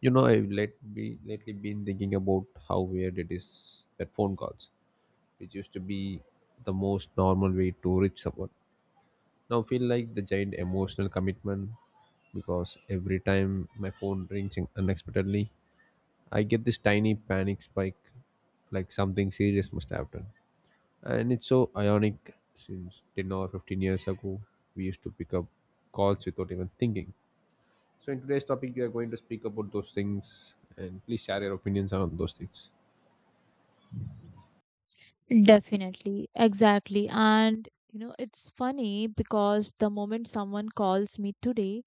I've let be lately been thinking about how weird it is that phone calls, which used to be the most normal way to reach someone, now feel like the giant emotional commitment because every time my phone rings unexpectedly, I get this tiny panic spike, like something serious must happen. And it's so ironic since 10 or 15 years ago, we used to pick up calls without even thinking. So in today's topic, we are going to speak about those things, and please share your opinions on those things. Definitely, exactly. It's funny because the moment someone calls me today,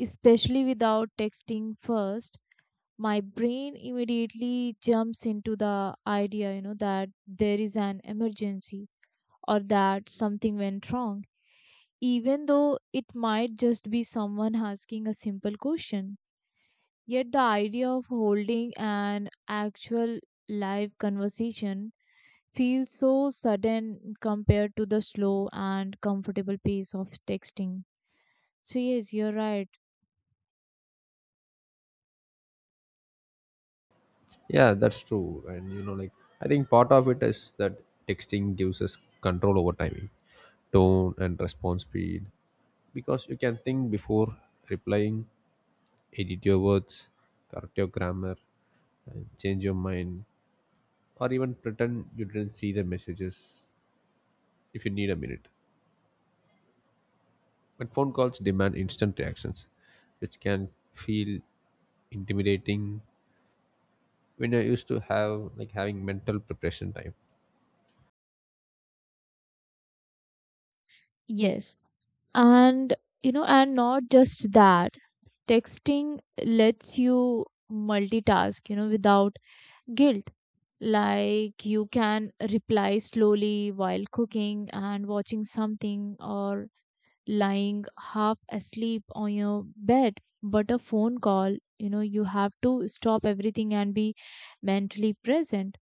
especially without texting first, my brain immediately jumps into the idea, that there is an emergency or that something went wrong, even though it might just be someone asking a simple question. Yet the idea of holding an actual live conversation feels so sudden compared to the slow and comfortable pace of texting. So, yes, you're right. Yeah, that's true. And you know, like I think part of it is that texting gives us control over timing, tone, and response speed because you can think before replying, edit your words, correct your grammar, and change your mind, or even pretend you didn't see the messages if you need a minute. But phone calls demand instant reactions, which can feel intimidating when I used to have having mental preparation time. Yes. And, and not just that, texting lets you multitask, without guilt. Like you can reply slowly while cooking and watching something or lying half asleep on your bed, but a phone call, you have to stop everything and be mentally present,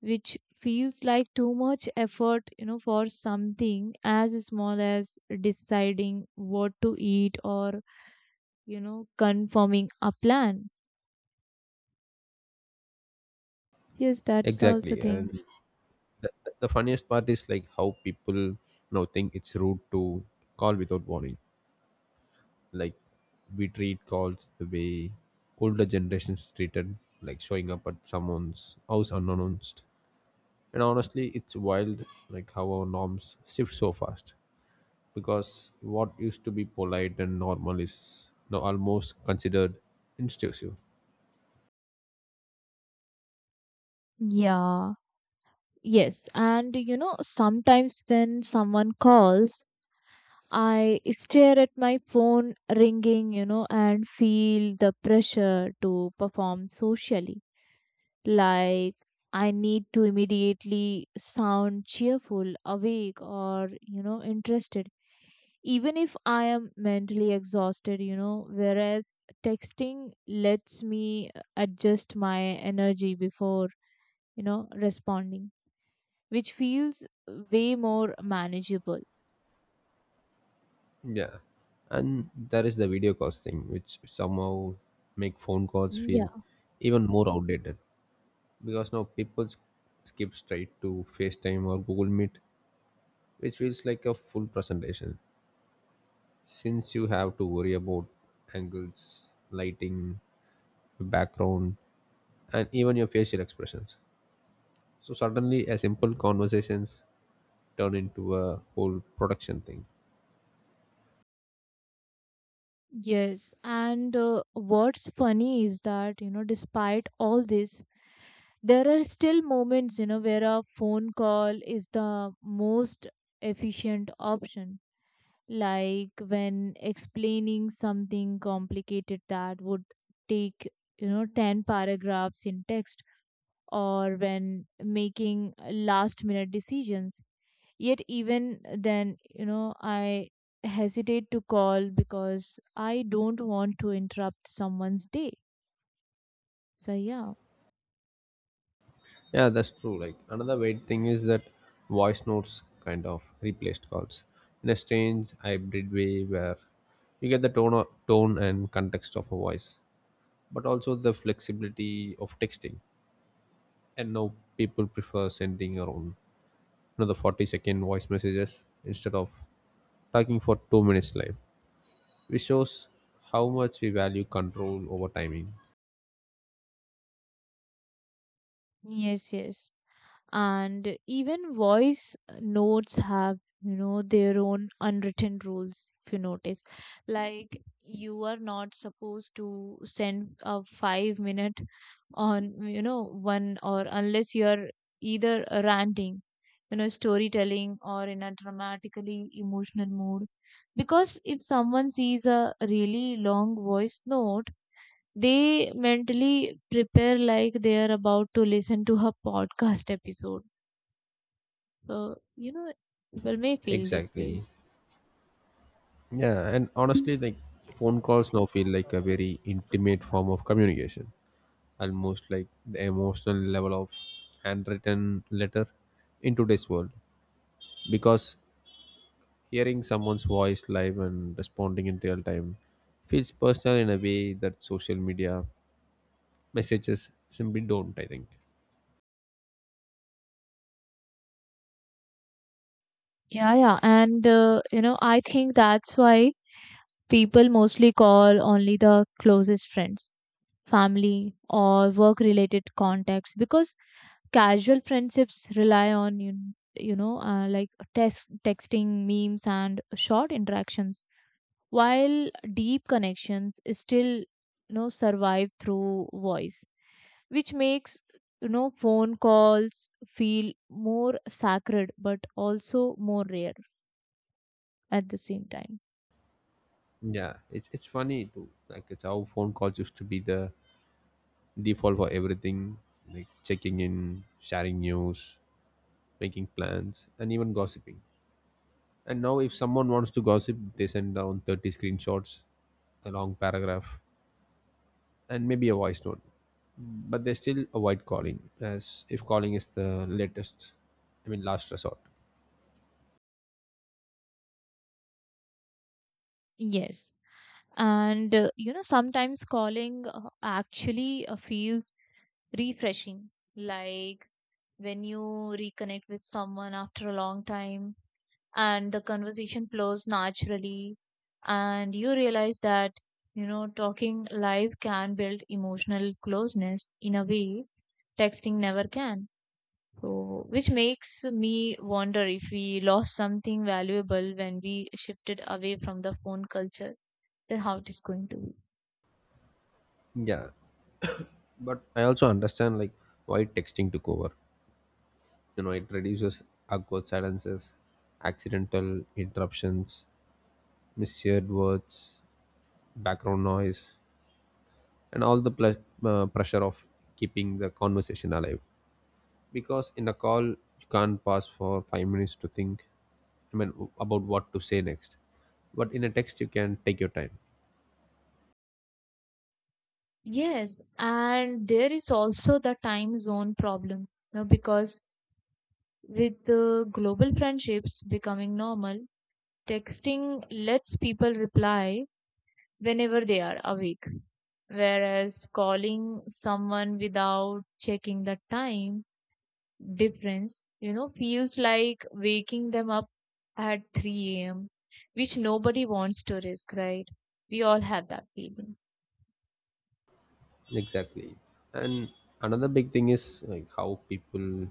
which feels like too much effort, for something as small as deciding what to eat or confirming a plan. Yes, that's the also Exactly. thing. And the, the funniest part is like how people now think it's rude to call without warning. Like we treat calls the way older generations treated, like showing up at someone's house unannounced. And honestly, it's wild like how our norms shift so fast because what used to be polite and normal is now almost considered intrusive. Yeah. Yes, and sometimes when someone calls, I stare at my phone ringing, and feel the pressure to perform socially. Like I need to immediately sound cheerful, awake, or, interested, even if I am mentally exhausted. Whereas texting lets me adjust my energy before, responding, which feels way more manageable. Yeah, and there is the video calls thing, which somehow make phone calls feel even more outdated because now skip straight to FaceTime or Google Meet, which feels like a full presentation since you have to worry about angles, lighting, background, and even your facial expressions. So suddenly, a simple conversations turn into a whole production thing. Yes, and what's funny is that, despite all this, there are still moments, where a phone call is the most efficient option. Like when explaining something complicated that would take, 10 paragraphs in text, or when making last minute decisions. Yet, even then, I hesitate to call because I don't want to interrupt someone's day. So, yeah. Yeah, that's true. Like another weird thing is that voice notes kind of replaced calls in a strange hybrid way where you get the tone and context of a voice, but also the flexibility of texting. And now people prefer sending the 40-second voice messages instead of talking for 2 minutes live, which shows how much we value control over timing. Yes, yes. And even voice notes have, their own unwritten rules, if you notice. Like you are not supposed to send a 5 minute on, one, or unless you are either ranting, storytelling, or in a dramatically emotional mood, because if someone sees a really long voice note, they mentally prepare like they are about to listen to her podcast episode. So, people may feel this way. Exactly. Yeah, and honestly, Yes. phone calls now feel like a very intimate form of communication, almost like the emotional level of handwritten letter in today's world because hearing someone's voice live and responding in real time feels personal in a way that social media messages simply don't, I think. Yeah, yeah. And, I think that's why people mostly call only the closest friends, family, or work related contacts, because casual friendships rely on, like texting, memes, and short interactions, while deep connections still, survive through voice, which makes, phone calls feel more sacred but also more rare at the same time. Yeah, it's funny too, like it's how phone calls used to be the default for everything, like checking in, sharing news, making plans, and even gossiping. And now if someone wants to gossip, they send down 30 screenshots, a long paragraph, and maybe a voice note. But they still avoid calling, as if calling is the latest, I mean, last resort. Yes. And sometimes calling actually feels refreshing, like when you reconnect with someone after a long time and the conversation flows naturally, and you realize that, talking live can build emotional closeness in a way texting never can. So, which makes me wonder, if we lost something valuable when we shifted away from the phone culture, then how it is going to be. Yeah, but I also understand why texting took over. You know, it reduces awkward silences, accidental interruptions, misheard words, background noise, and all the pressure of keeping the conversation alive. Because in a call, you can't pause for 5 minutes to think. I mean, about what to say next. But in a text, you can take your time. Yes, and there is also the time zone problem now, because with global friendships becoming normal, texting lets people reply whenever they are awake, whereas calling someone without checking the time difference, feels like waking them up at 3 a.m., which nobody wants to risk, right? We all have that feeling. Exactly. And another big thing is like how people,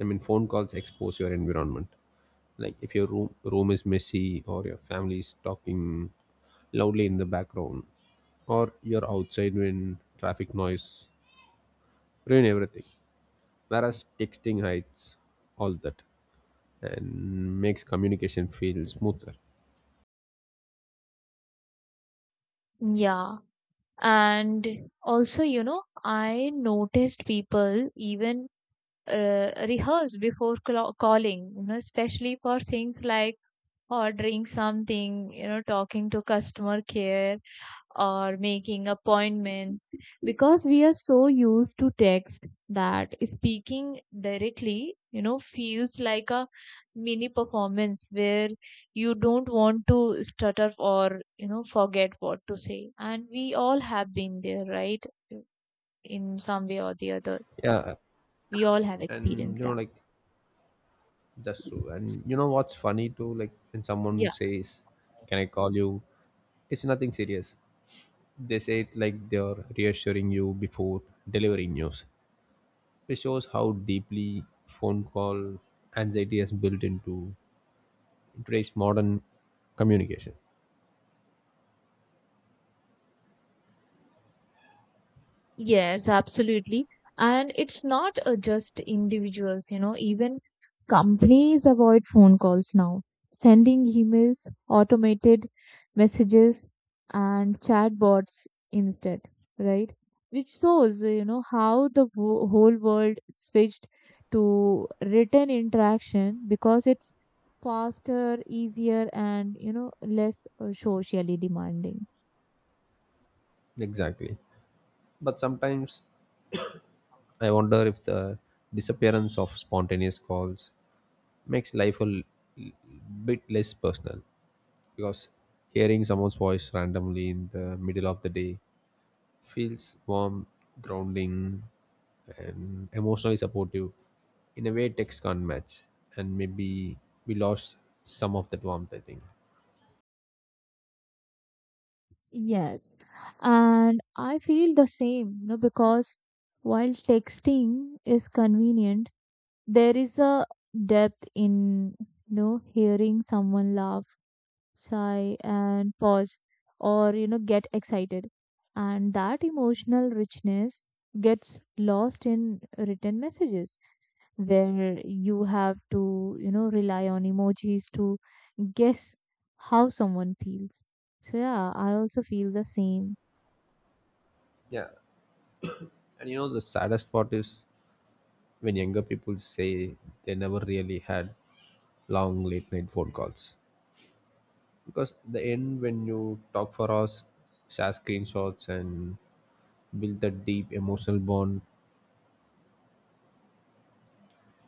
I mean, phone calls expose your environment. Like if your room is messy or your family is talking loudly in the background or you're outside when traffic noise ruin everything. Whereas texting hides all that and makes communication feel smoother. Yeah. And also, I noticed people even rehearse before calling, especially for things like ordering something, talking to customer care or making appointments, because we are so used to text that speaking directly, feels like a mini performance, where you don't want to stutter or, forget what to say. And we all have been there, right, in some way or the other. Yeah. We all have And you experienced know, like that's that. true. And you know what's funny too, like when someone says, "Can I call you? It's nothing serious." They say it like they are reassuring you before delivering news, which shows how deeply phone call anxiety is built into today's modern communication. Yes, absolutely. And it's not, just individuals, even companies avoid phone calls now, sending emails, automated messages, and chatbots instead, right? Which shows, how the whole world switched to written interaction, because it's faster, easier, and, less socially demanding. Exactly. But sometimes I wonder if the disappearance of spontaneous calls makes life a l- bit less personal because hearing someone's voice randomly in the middle of the day feels warm, grounding, and emotionally supportive in a way text can't match. And maybe we lost some of that warmth, I think. Yes, and I feel the same, because while texting is convenient, there is a depth in, hearing someone laugh, sigh, and pause, or, get excited. And that emotional richness gets lost in written messages, where you have to, rely on emojis to guess how someone feels. So, yeah, I also feel the same. Yeah. And you know, the saddest part is when younger people say they never really had long late night phone calls. Because the end, when you talk for us, share screenshots, and build that deep emotional bond,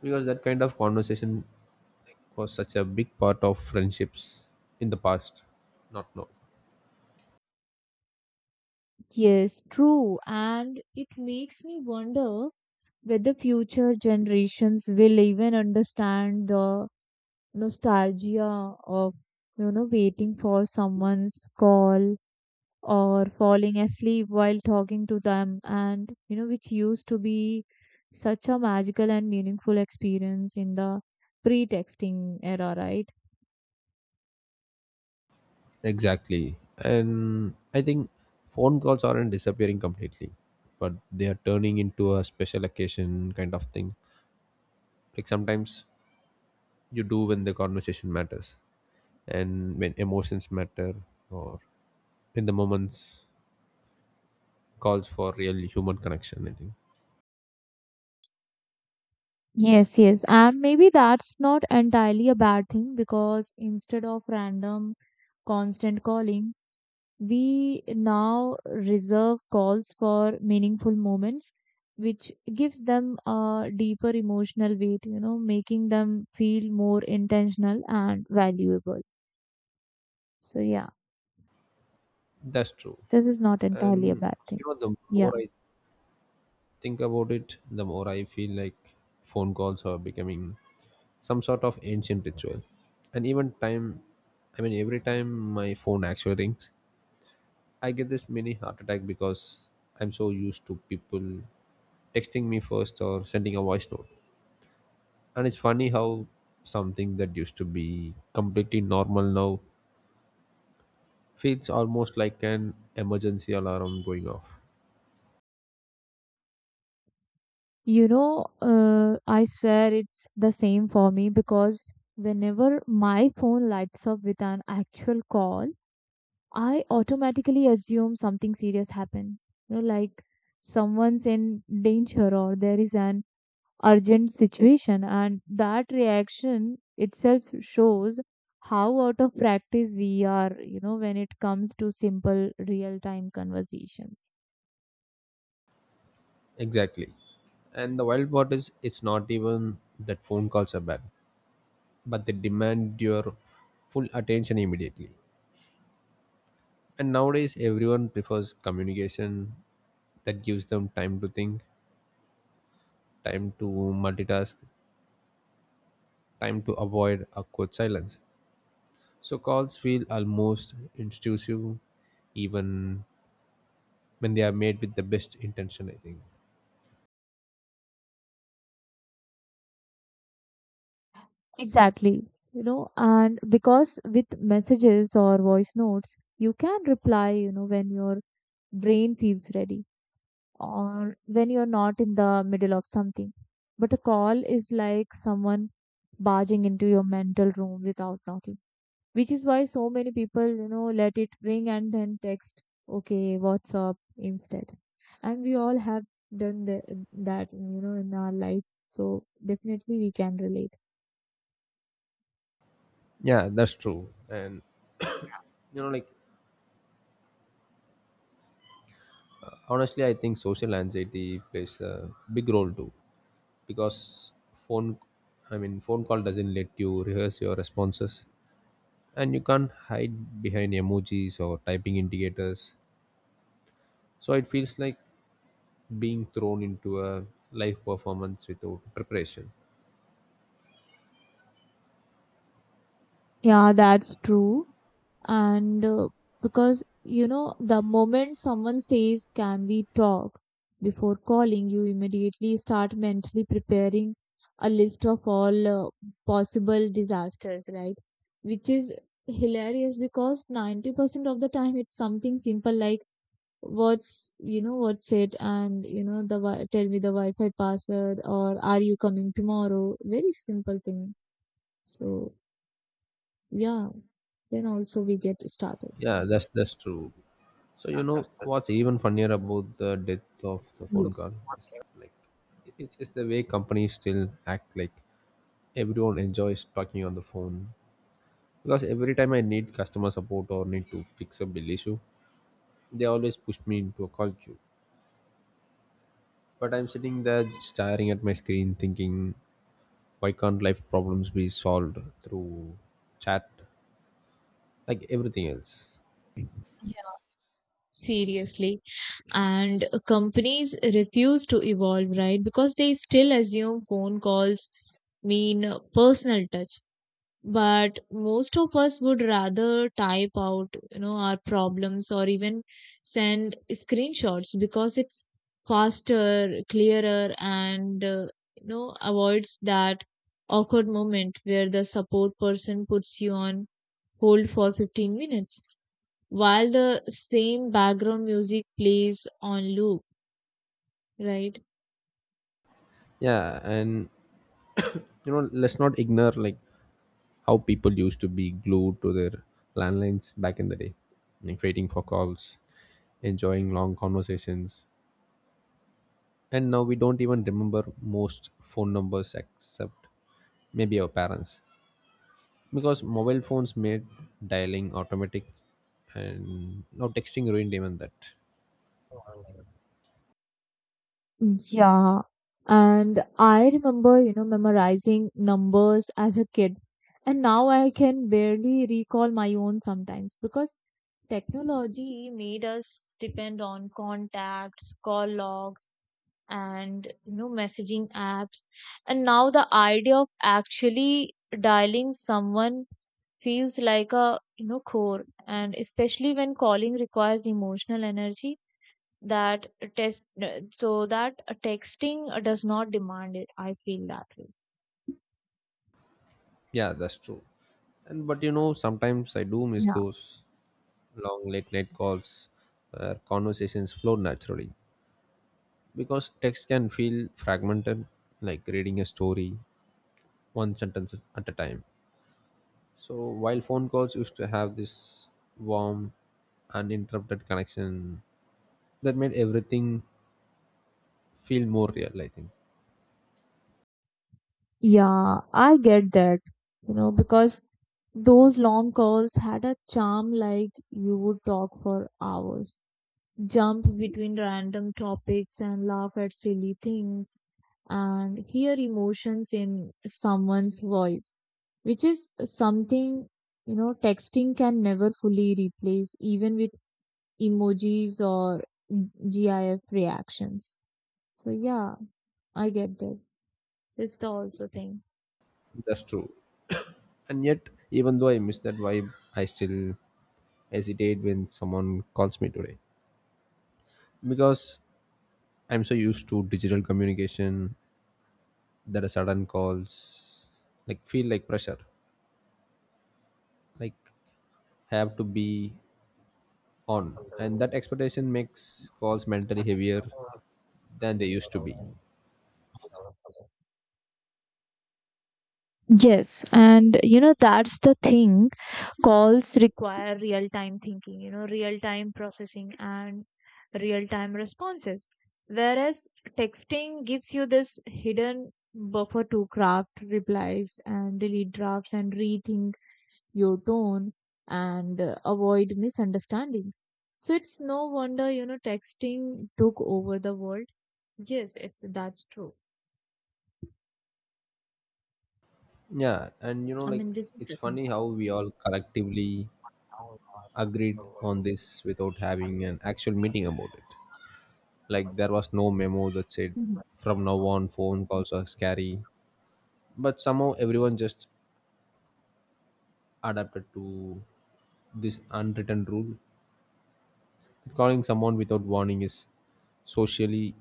because that kind of conversation was such a big part of friendships in the past, not now. Yes, true. And it makes me wonder whether future generations will even understand the nostalgia of, waiting for someone's call or falling asleep while talking to them, and, which used to be such a magical and meaningful experience in the pre-texting era, right? Exactly. And I think phone calls aren't disappearing completely, but they are turning into a special occasion kind of thing. Like sometimes you do when the conversation matters and when emotions matter, or in the moments calls for real human connection, I think. Yes, yes. And maybe that's not entirely a bad thing, because instead of random constant calling, we now reserve calls for meaningful moments, which gives them a deeper emotional weight, making them feel more intentional and valuable. So, yeah, That's true. this is not entirely a And bad thing. you know, the more Yeah. I think about it, the more I feel like phone calls are becoming some sort of ancient ritual. And even time, I mean, every time my phone actually rings, I get this mini heart attack because I'm so used to people texting me first or sending a voice note. And it's funny how something that used to be completely normal now feels almost like an emergency alarm going off. I swear it's the same for me, because whenever my phone lights up with an actual call, I automatically assume something serious happened. Like someone's in danger or there is an urgent situation, and that reaction itself shows how out of practice we are, when it comes to simple real time conversations. Exactly. And the wild part is, it's not even that phone calls are bad, but they demand your full attention immediately. And nowadays, everyone prefers communication that gives them time to think, time to multitask, time to avoid awkward silence. So calls feel almost intrusive, even when they are made with the best intention, I think. Exactly. And because with messages or voice notes, you can reply, when your brain feels ready or when you're not in the middle of something. But a call is like someone barging into your mental room without knocking, which is why so many people, let it ring and then text, "Okay, what's up?" instead. And we all have done that, in our life. So definitely we can relate. Yeah, that's true. And, you know, like, honestly, I think social anxiety plays a big role too because phone, I mean, phone call doesn't let you rehearse your responses and you can't hide behind emojis or typing indicators. So it feels like being thrown into a live performance without preparation. Yeah, that's true. And because, the moment someone says, "Can we talk?" before calling, you immediately start mentally preparing a list of all possible disasters, right? Which is hilarious, because 90% of the time it's something simple like what's it, and, the tell me the wi-fi password, or are you coming tomorrow, very simple thing. So, yeah, then also we get started. Yeah, that's true. So you know what's even funnier about the death of the phone Yes. call is it's the way companies still act like everyone enjoys talking on the phone. Because every time I need customer support or need to fix a bill issue, they always push me into a call queue. But I'm sitting there staring at my screen thinking, why can't life problems be solved through chat like everything else? Seriously. And companies refuse to evolve, right? Because they still assume phone calls mean personal touch. But most of us would rather type out, our problems, or even send screenshots, because it's faster, clearer, and, avoids that awkward moment where the support person puts you on hold for 15 minutes while the same background music plays on loop, right? Yeah, and you know, let's not ignore like how people used to be glued to their landlines back in the day, like waiting for calls, enjoying long conversations, and now we don't even remember most phone numbers except maybe our parents because mobile phones made dialing automatic, and now texting ruined even that. Yeah. And I remember, memorizing numbers as a kid. And now I can barely recall my own sometimes, because technology made us depend on contacts, call logs, and, messaging apps. And now the idea of actually dialing someone feels like a, chore, and especially when calling requires emotional energy that test, so that texting does not demand it. I feel that way. Yeah, that's true. And but you know, sometimes I do miss Yeah. those long late night calls where conversations flow naturally because text can feel fragmented like reading a story one sentence at a time. So while phone calls used to have this warm uninterrupted connection that made everything feel more real, I think. Yeah, I get that. Because those long calls had a charm. Like you would talk for hours, jump between random topics and laugh at silly things, and hear emotions in someone's voice, which is something, texting can never fully replace, even with emojis or GIF reactions. So, yeah, I get that. This the also thing. That's true. And yet even though I miss that vibe, I still hesitate when someone calls me today because I'm so used to digital communication that a sudden calls like feel like pressure, like have to be on, and that expectation makes calls mentally heavier than they used to be. Yes, and that's the thing. Calls require real time thinking, real time processing and real time responses. Whereas texting gives you this hidden buffer to craft replies and delete drafts and rethink your tone, and avoid misunderstandings. So it's no wonder, texting took over the world. Yes, it's that's true. Yeah, and you know I like mean, this is it's the thing. funny how we all collectively agreed on this without having an actual meeting about it. Like there was no memo that said Mhm. from now on phone calls are scary, but somehow everyone just adapted to this unwritten rule that calling someone without warning is socially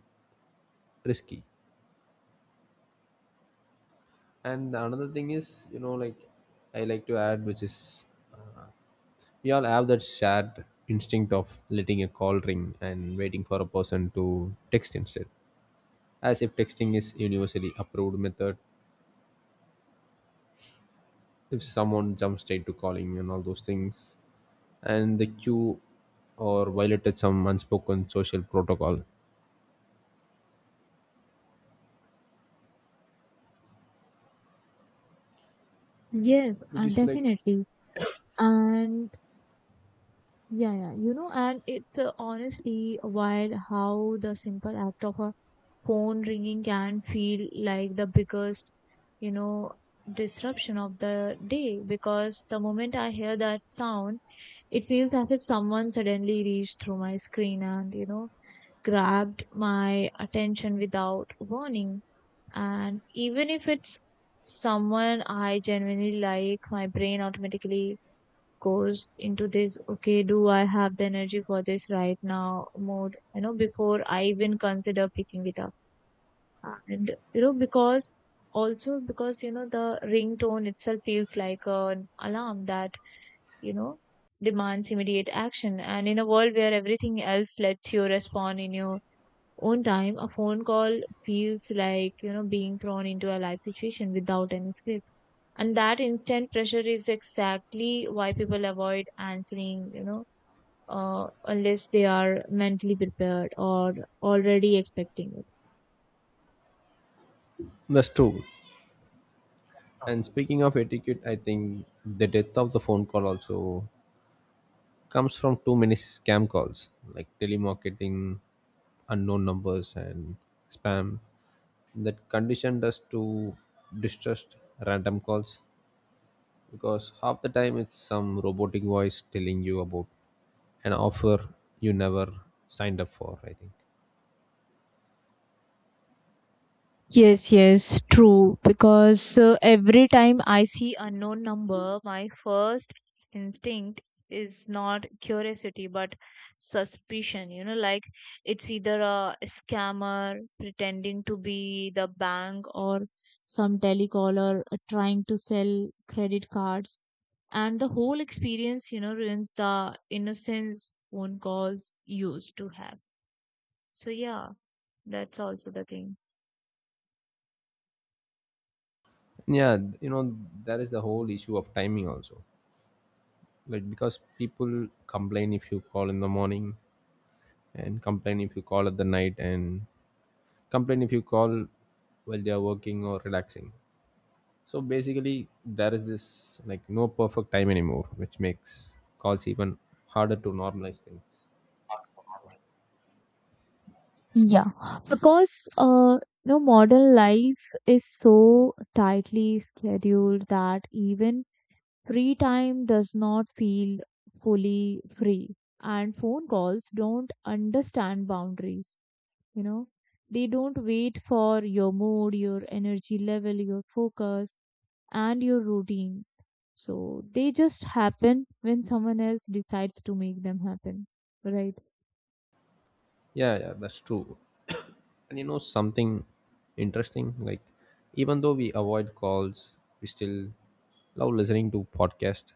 risky. And the another thing is, I like to add, which is, we all have that shared instinct of letting a call ring and waiting for a person to text instead, as if texting is universally approved method. If someone jumps straight to calling and all those things and the queue or violated some unspoken social protocol, Yes, which is like, definitely. And yeah, yeah, and it's, honestly wild how the simple act of a phone ringing can feel like the biggest, you know, disruption of the day, because the moment I hear that sound, it feels as if someone suddenly reached through my screen and, grabbed my attention without warning. And even if it's someone I genuinely like, my brain automatically goes into this, "Okay, do I have the energy for this right now?" mode, before I even consider picking it up. And, because, also because, the ringtone itself feels like an alarm that, you know demands immediate action. And in a world where everything else lets you respond in your own time, a phone call feels like, being thrown into a live situation without any script, and that instant pressure is exactly why people avoid answering, unless they are mentally prepared or already expecting it. that's true. And speaking of etiquette, I think the death of the phone call also comes from too many scam calls like telemarketing, unknown numbers, and spam that conditioned us to distrust random calls because half the time it's some robotic voice telling you about an offer you never signed up for, I think. Yes, yes, true. Because every time I see unknown number, my first instinct is not curiosity but suspicion. Like it's either a scammer pretending to be the bank, or some telecaller trying to sell credit cards. And the whole experience, ruins the innocence phone calls used to have. So, yeah, that's also the thing. Yeah, you know, that is the whole issue of timing also, because people complain if you call in the morning and complain if you call at the night and complain if you call while they are working or relaxing. So basically there is this like no perfect time anymore, which makes calls even harder to normalize things. Yeah, because modern life is so tightly scheduled that even free time does not feel fully free, and phone calls don't understand boundaries. You know, they don't wait for your mood, your energy level, your focus, and your routine. So they just happen when someone else decides to make them happen, right? Yeah, yeah, that's true. And you know something interesting, like even though we avoid calls, we still love listening to podcasts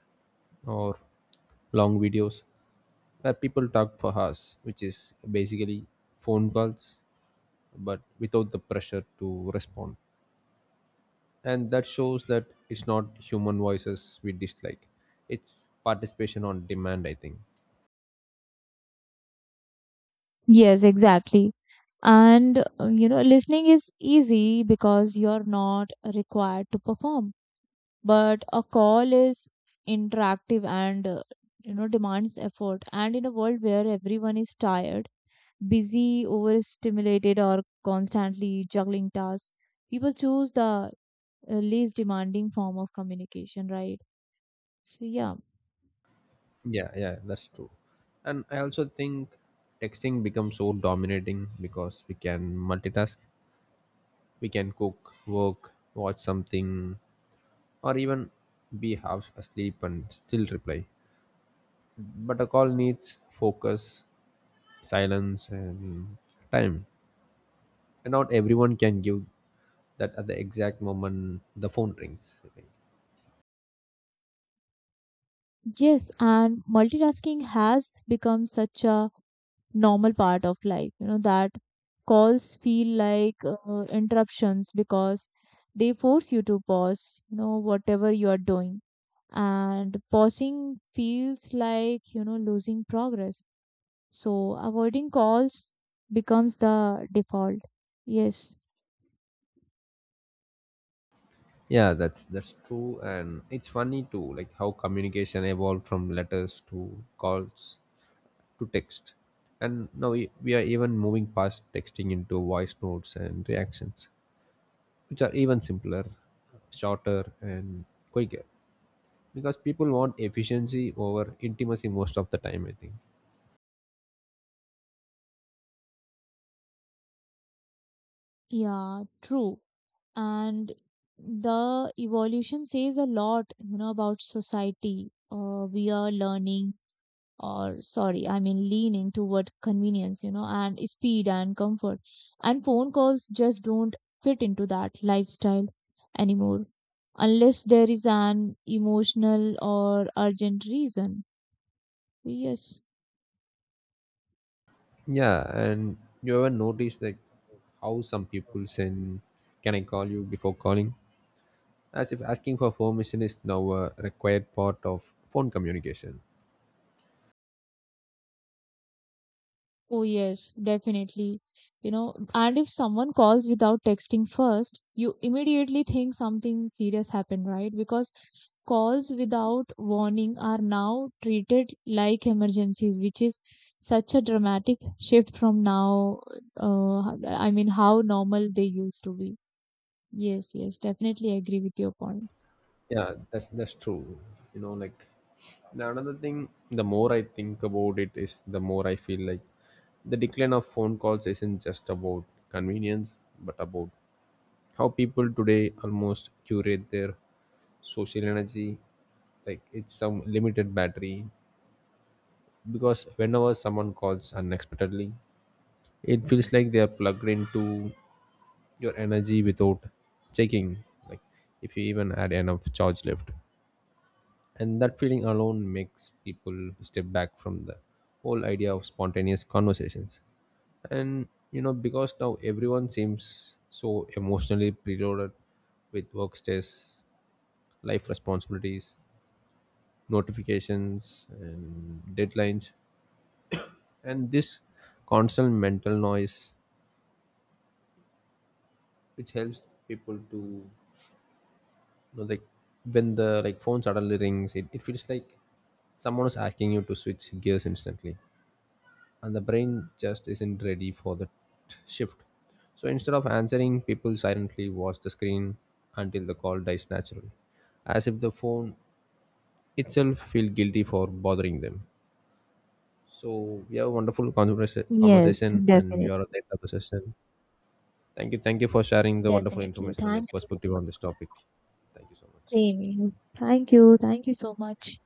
or long videos where people talk for us, which is basically phone calls but without the pressure to respond. And that shows that it's not human voices we dislike, it's participation on demand, I think. Yes, exactly. And listening is easy because you're not required to perform. But a call is interactive, and demands effort. And in a world where everyone is tired, busy, overstimulated, or constantly juggling tasks, people choose the, least demanding form of communication, right? So yeah. Yeah, yeah, that's true. And I also think texting becomes so dominating because we can multitask, we can cook, work, watch something, or even be half asleep and still reply. But a call needs focus, silence, and time, and not everyone can give that at the exact moment the phone rings, I think. Yes, and multitasking has become such a normal part of life, that calls feel like, interruptions, because they force you to pause, whatever you are doing, and pausing feels like, losing progress. So avoiding calls becomes the default. Yes. Yeah, that's true. And it's funny too, like how communication evolved from letters to calls to text, and now we are even moving past texting into voice notes and reactions, which are even simpler, shorter, and quicker because people want efficiency over intimacy most of the time, I think. Yeah, true. And the evolution says a lot, about society. We are learning, or sorry, I mean, leaning toward convenience, and speed and comfort. And phone calls just don't fit into that lifestyle anymore, unless there is an emotional or urgent reason. Yes. Yeah, and you ever notice like how some people send, "Can I call you?" before calling, as if asking for permission is now a required part of phone communication. Oh, yes, definitely. And if someone calls without texting first, you immediately think something serious happened, right? Because calls without warning are now treated like emergencies, which is such a dramatic shift from now, I mean, how normal they used to be. Yes, yes, definitely agree with your point. Yeah, that's true. you know like the another thing, the more I think about it, is the more I feel like the decline of phone calls isn't just about convenience but about how people today almost curate their social energy like it's some limited battery. Because whenever someone calls unexpectedly, it feels like they are plugged into your energy without checking like if you even had enough charge left. And that feeling alone makes people step back from the whole idea of spontaneous conversations. And you know, because now everyone seems so emotionally preloaded with work stress, life responsibilities, notifications and deadlines, and this constant mental noise, which helps people to, You know, like when the phone suddenly rings, it feels like someone is asking you to switch gears instantly, and the brain just isn't ready for that shift. So instead of answering, people silently watch the screen until the call dies naturally, as if the phone itself feel guilty for bothering them. So we have a wonderful Yes, conversation, and we definitely. are at the end of the session. Thank you for sharing the wonderful Definitely. information and your Thanks to perspective you. on this topic. Thank you so much. Same. Thank you. Thank you so much.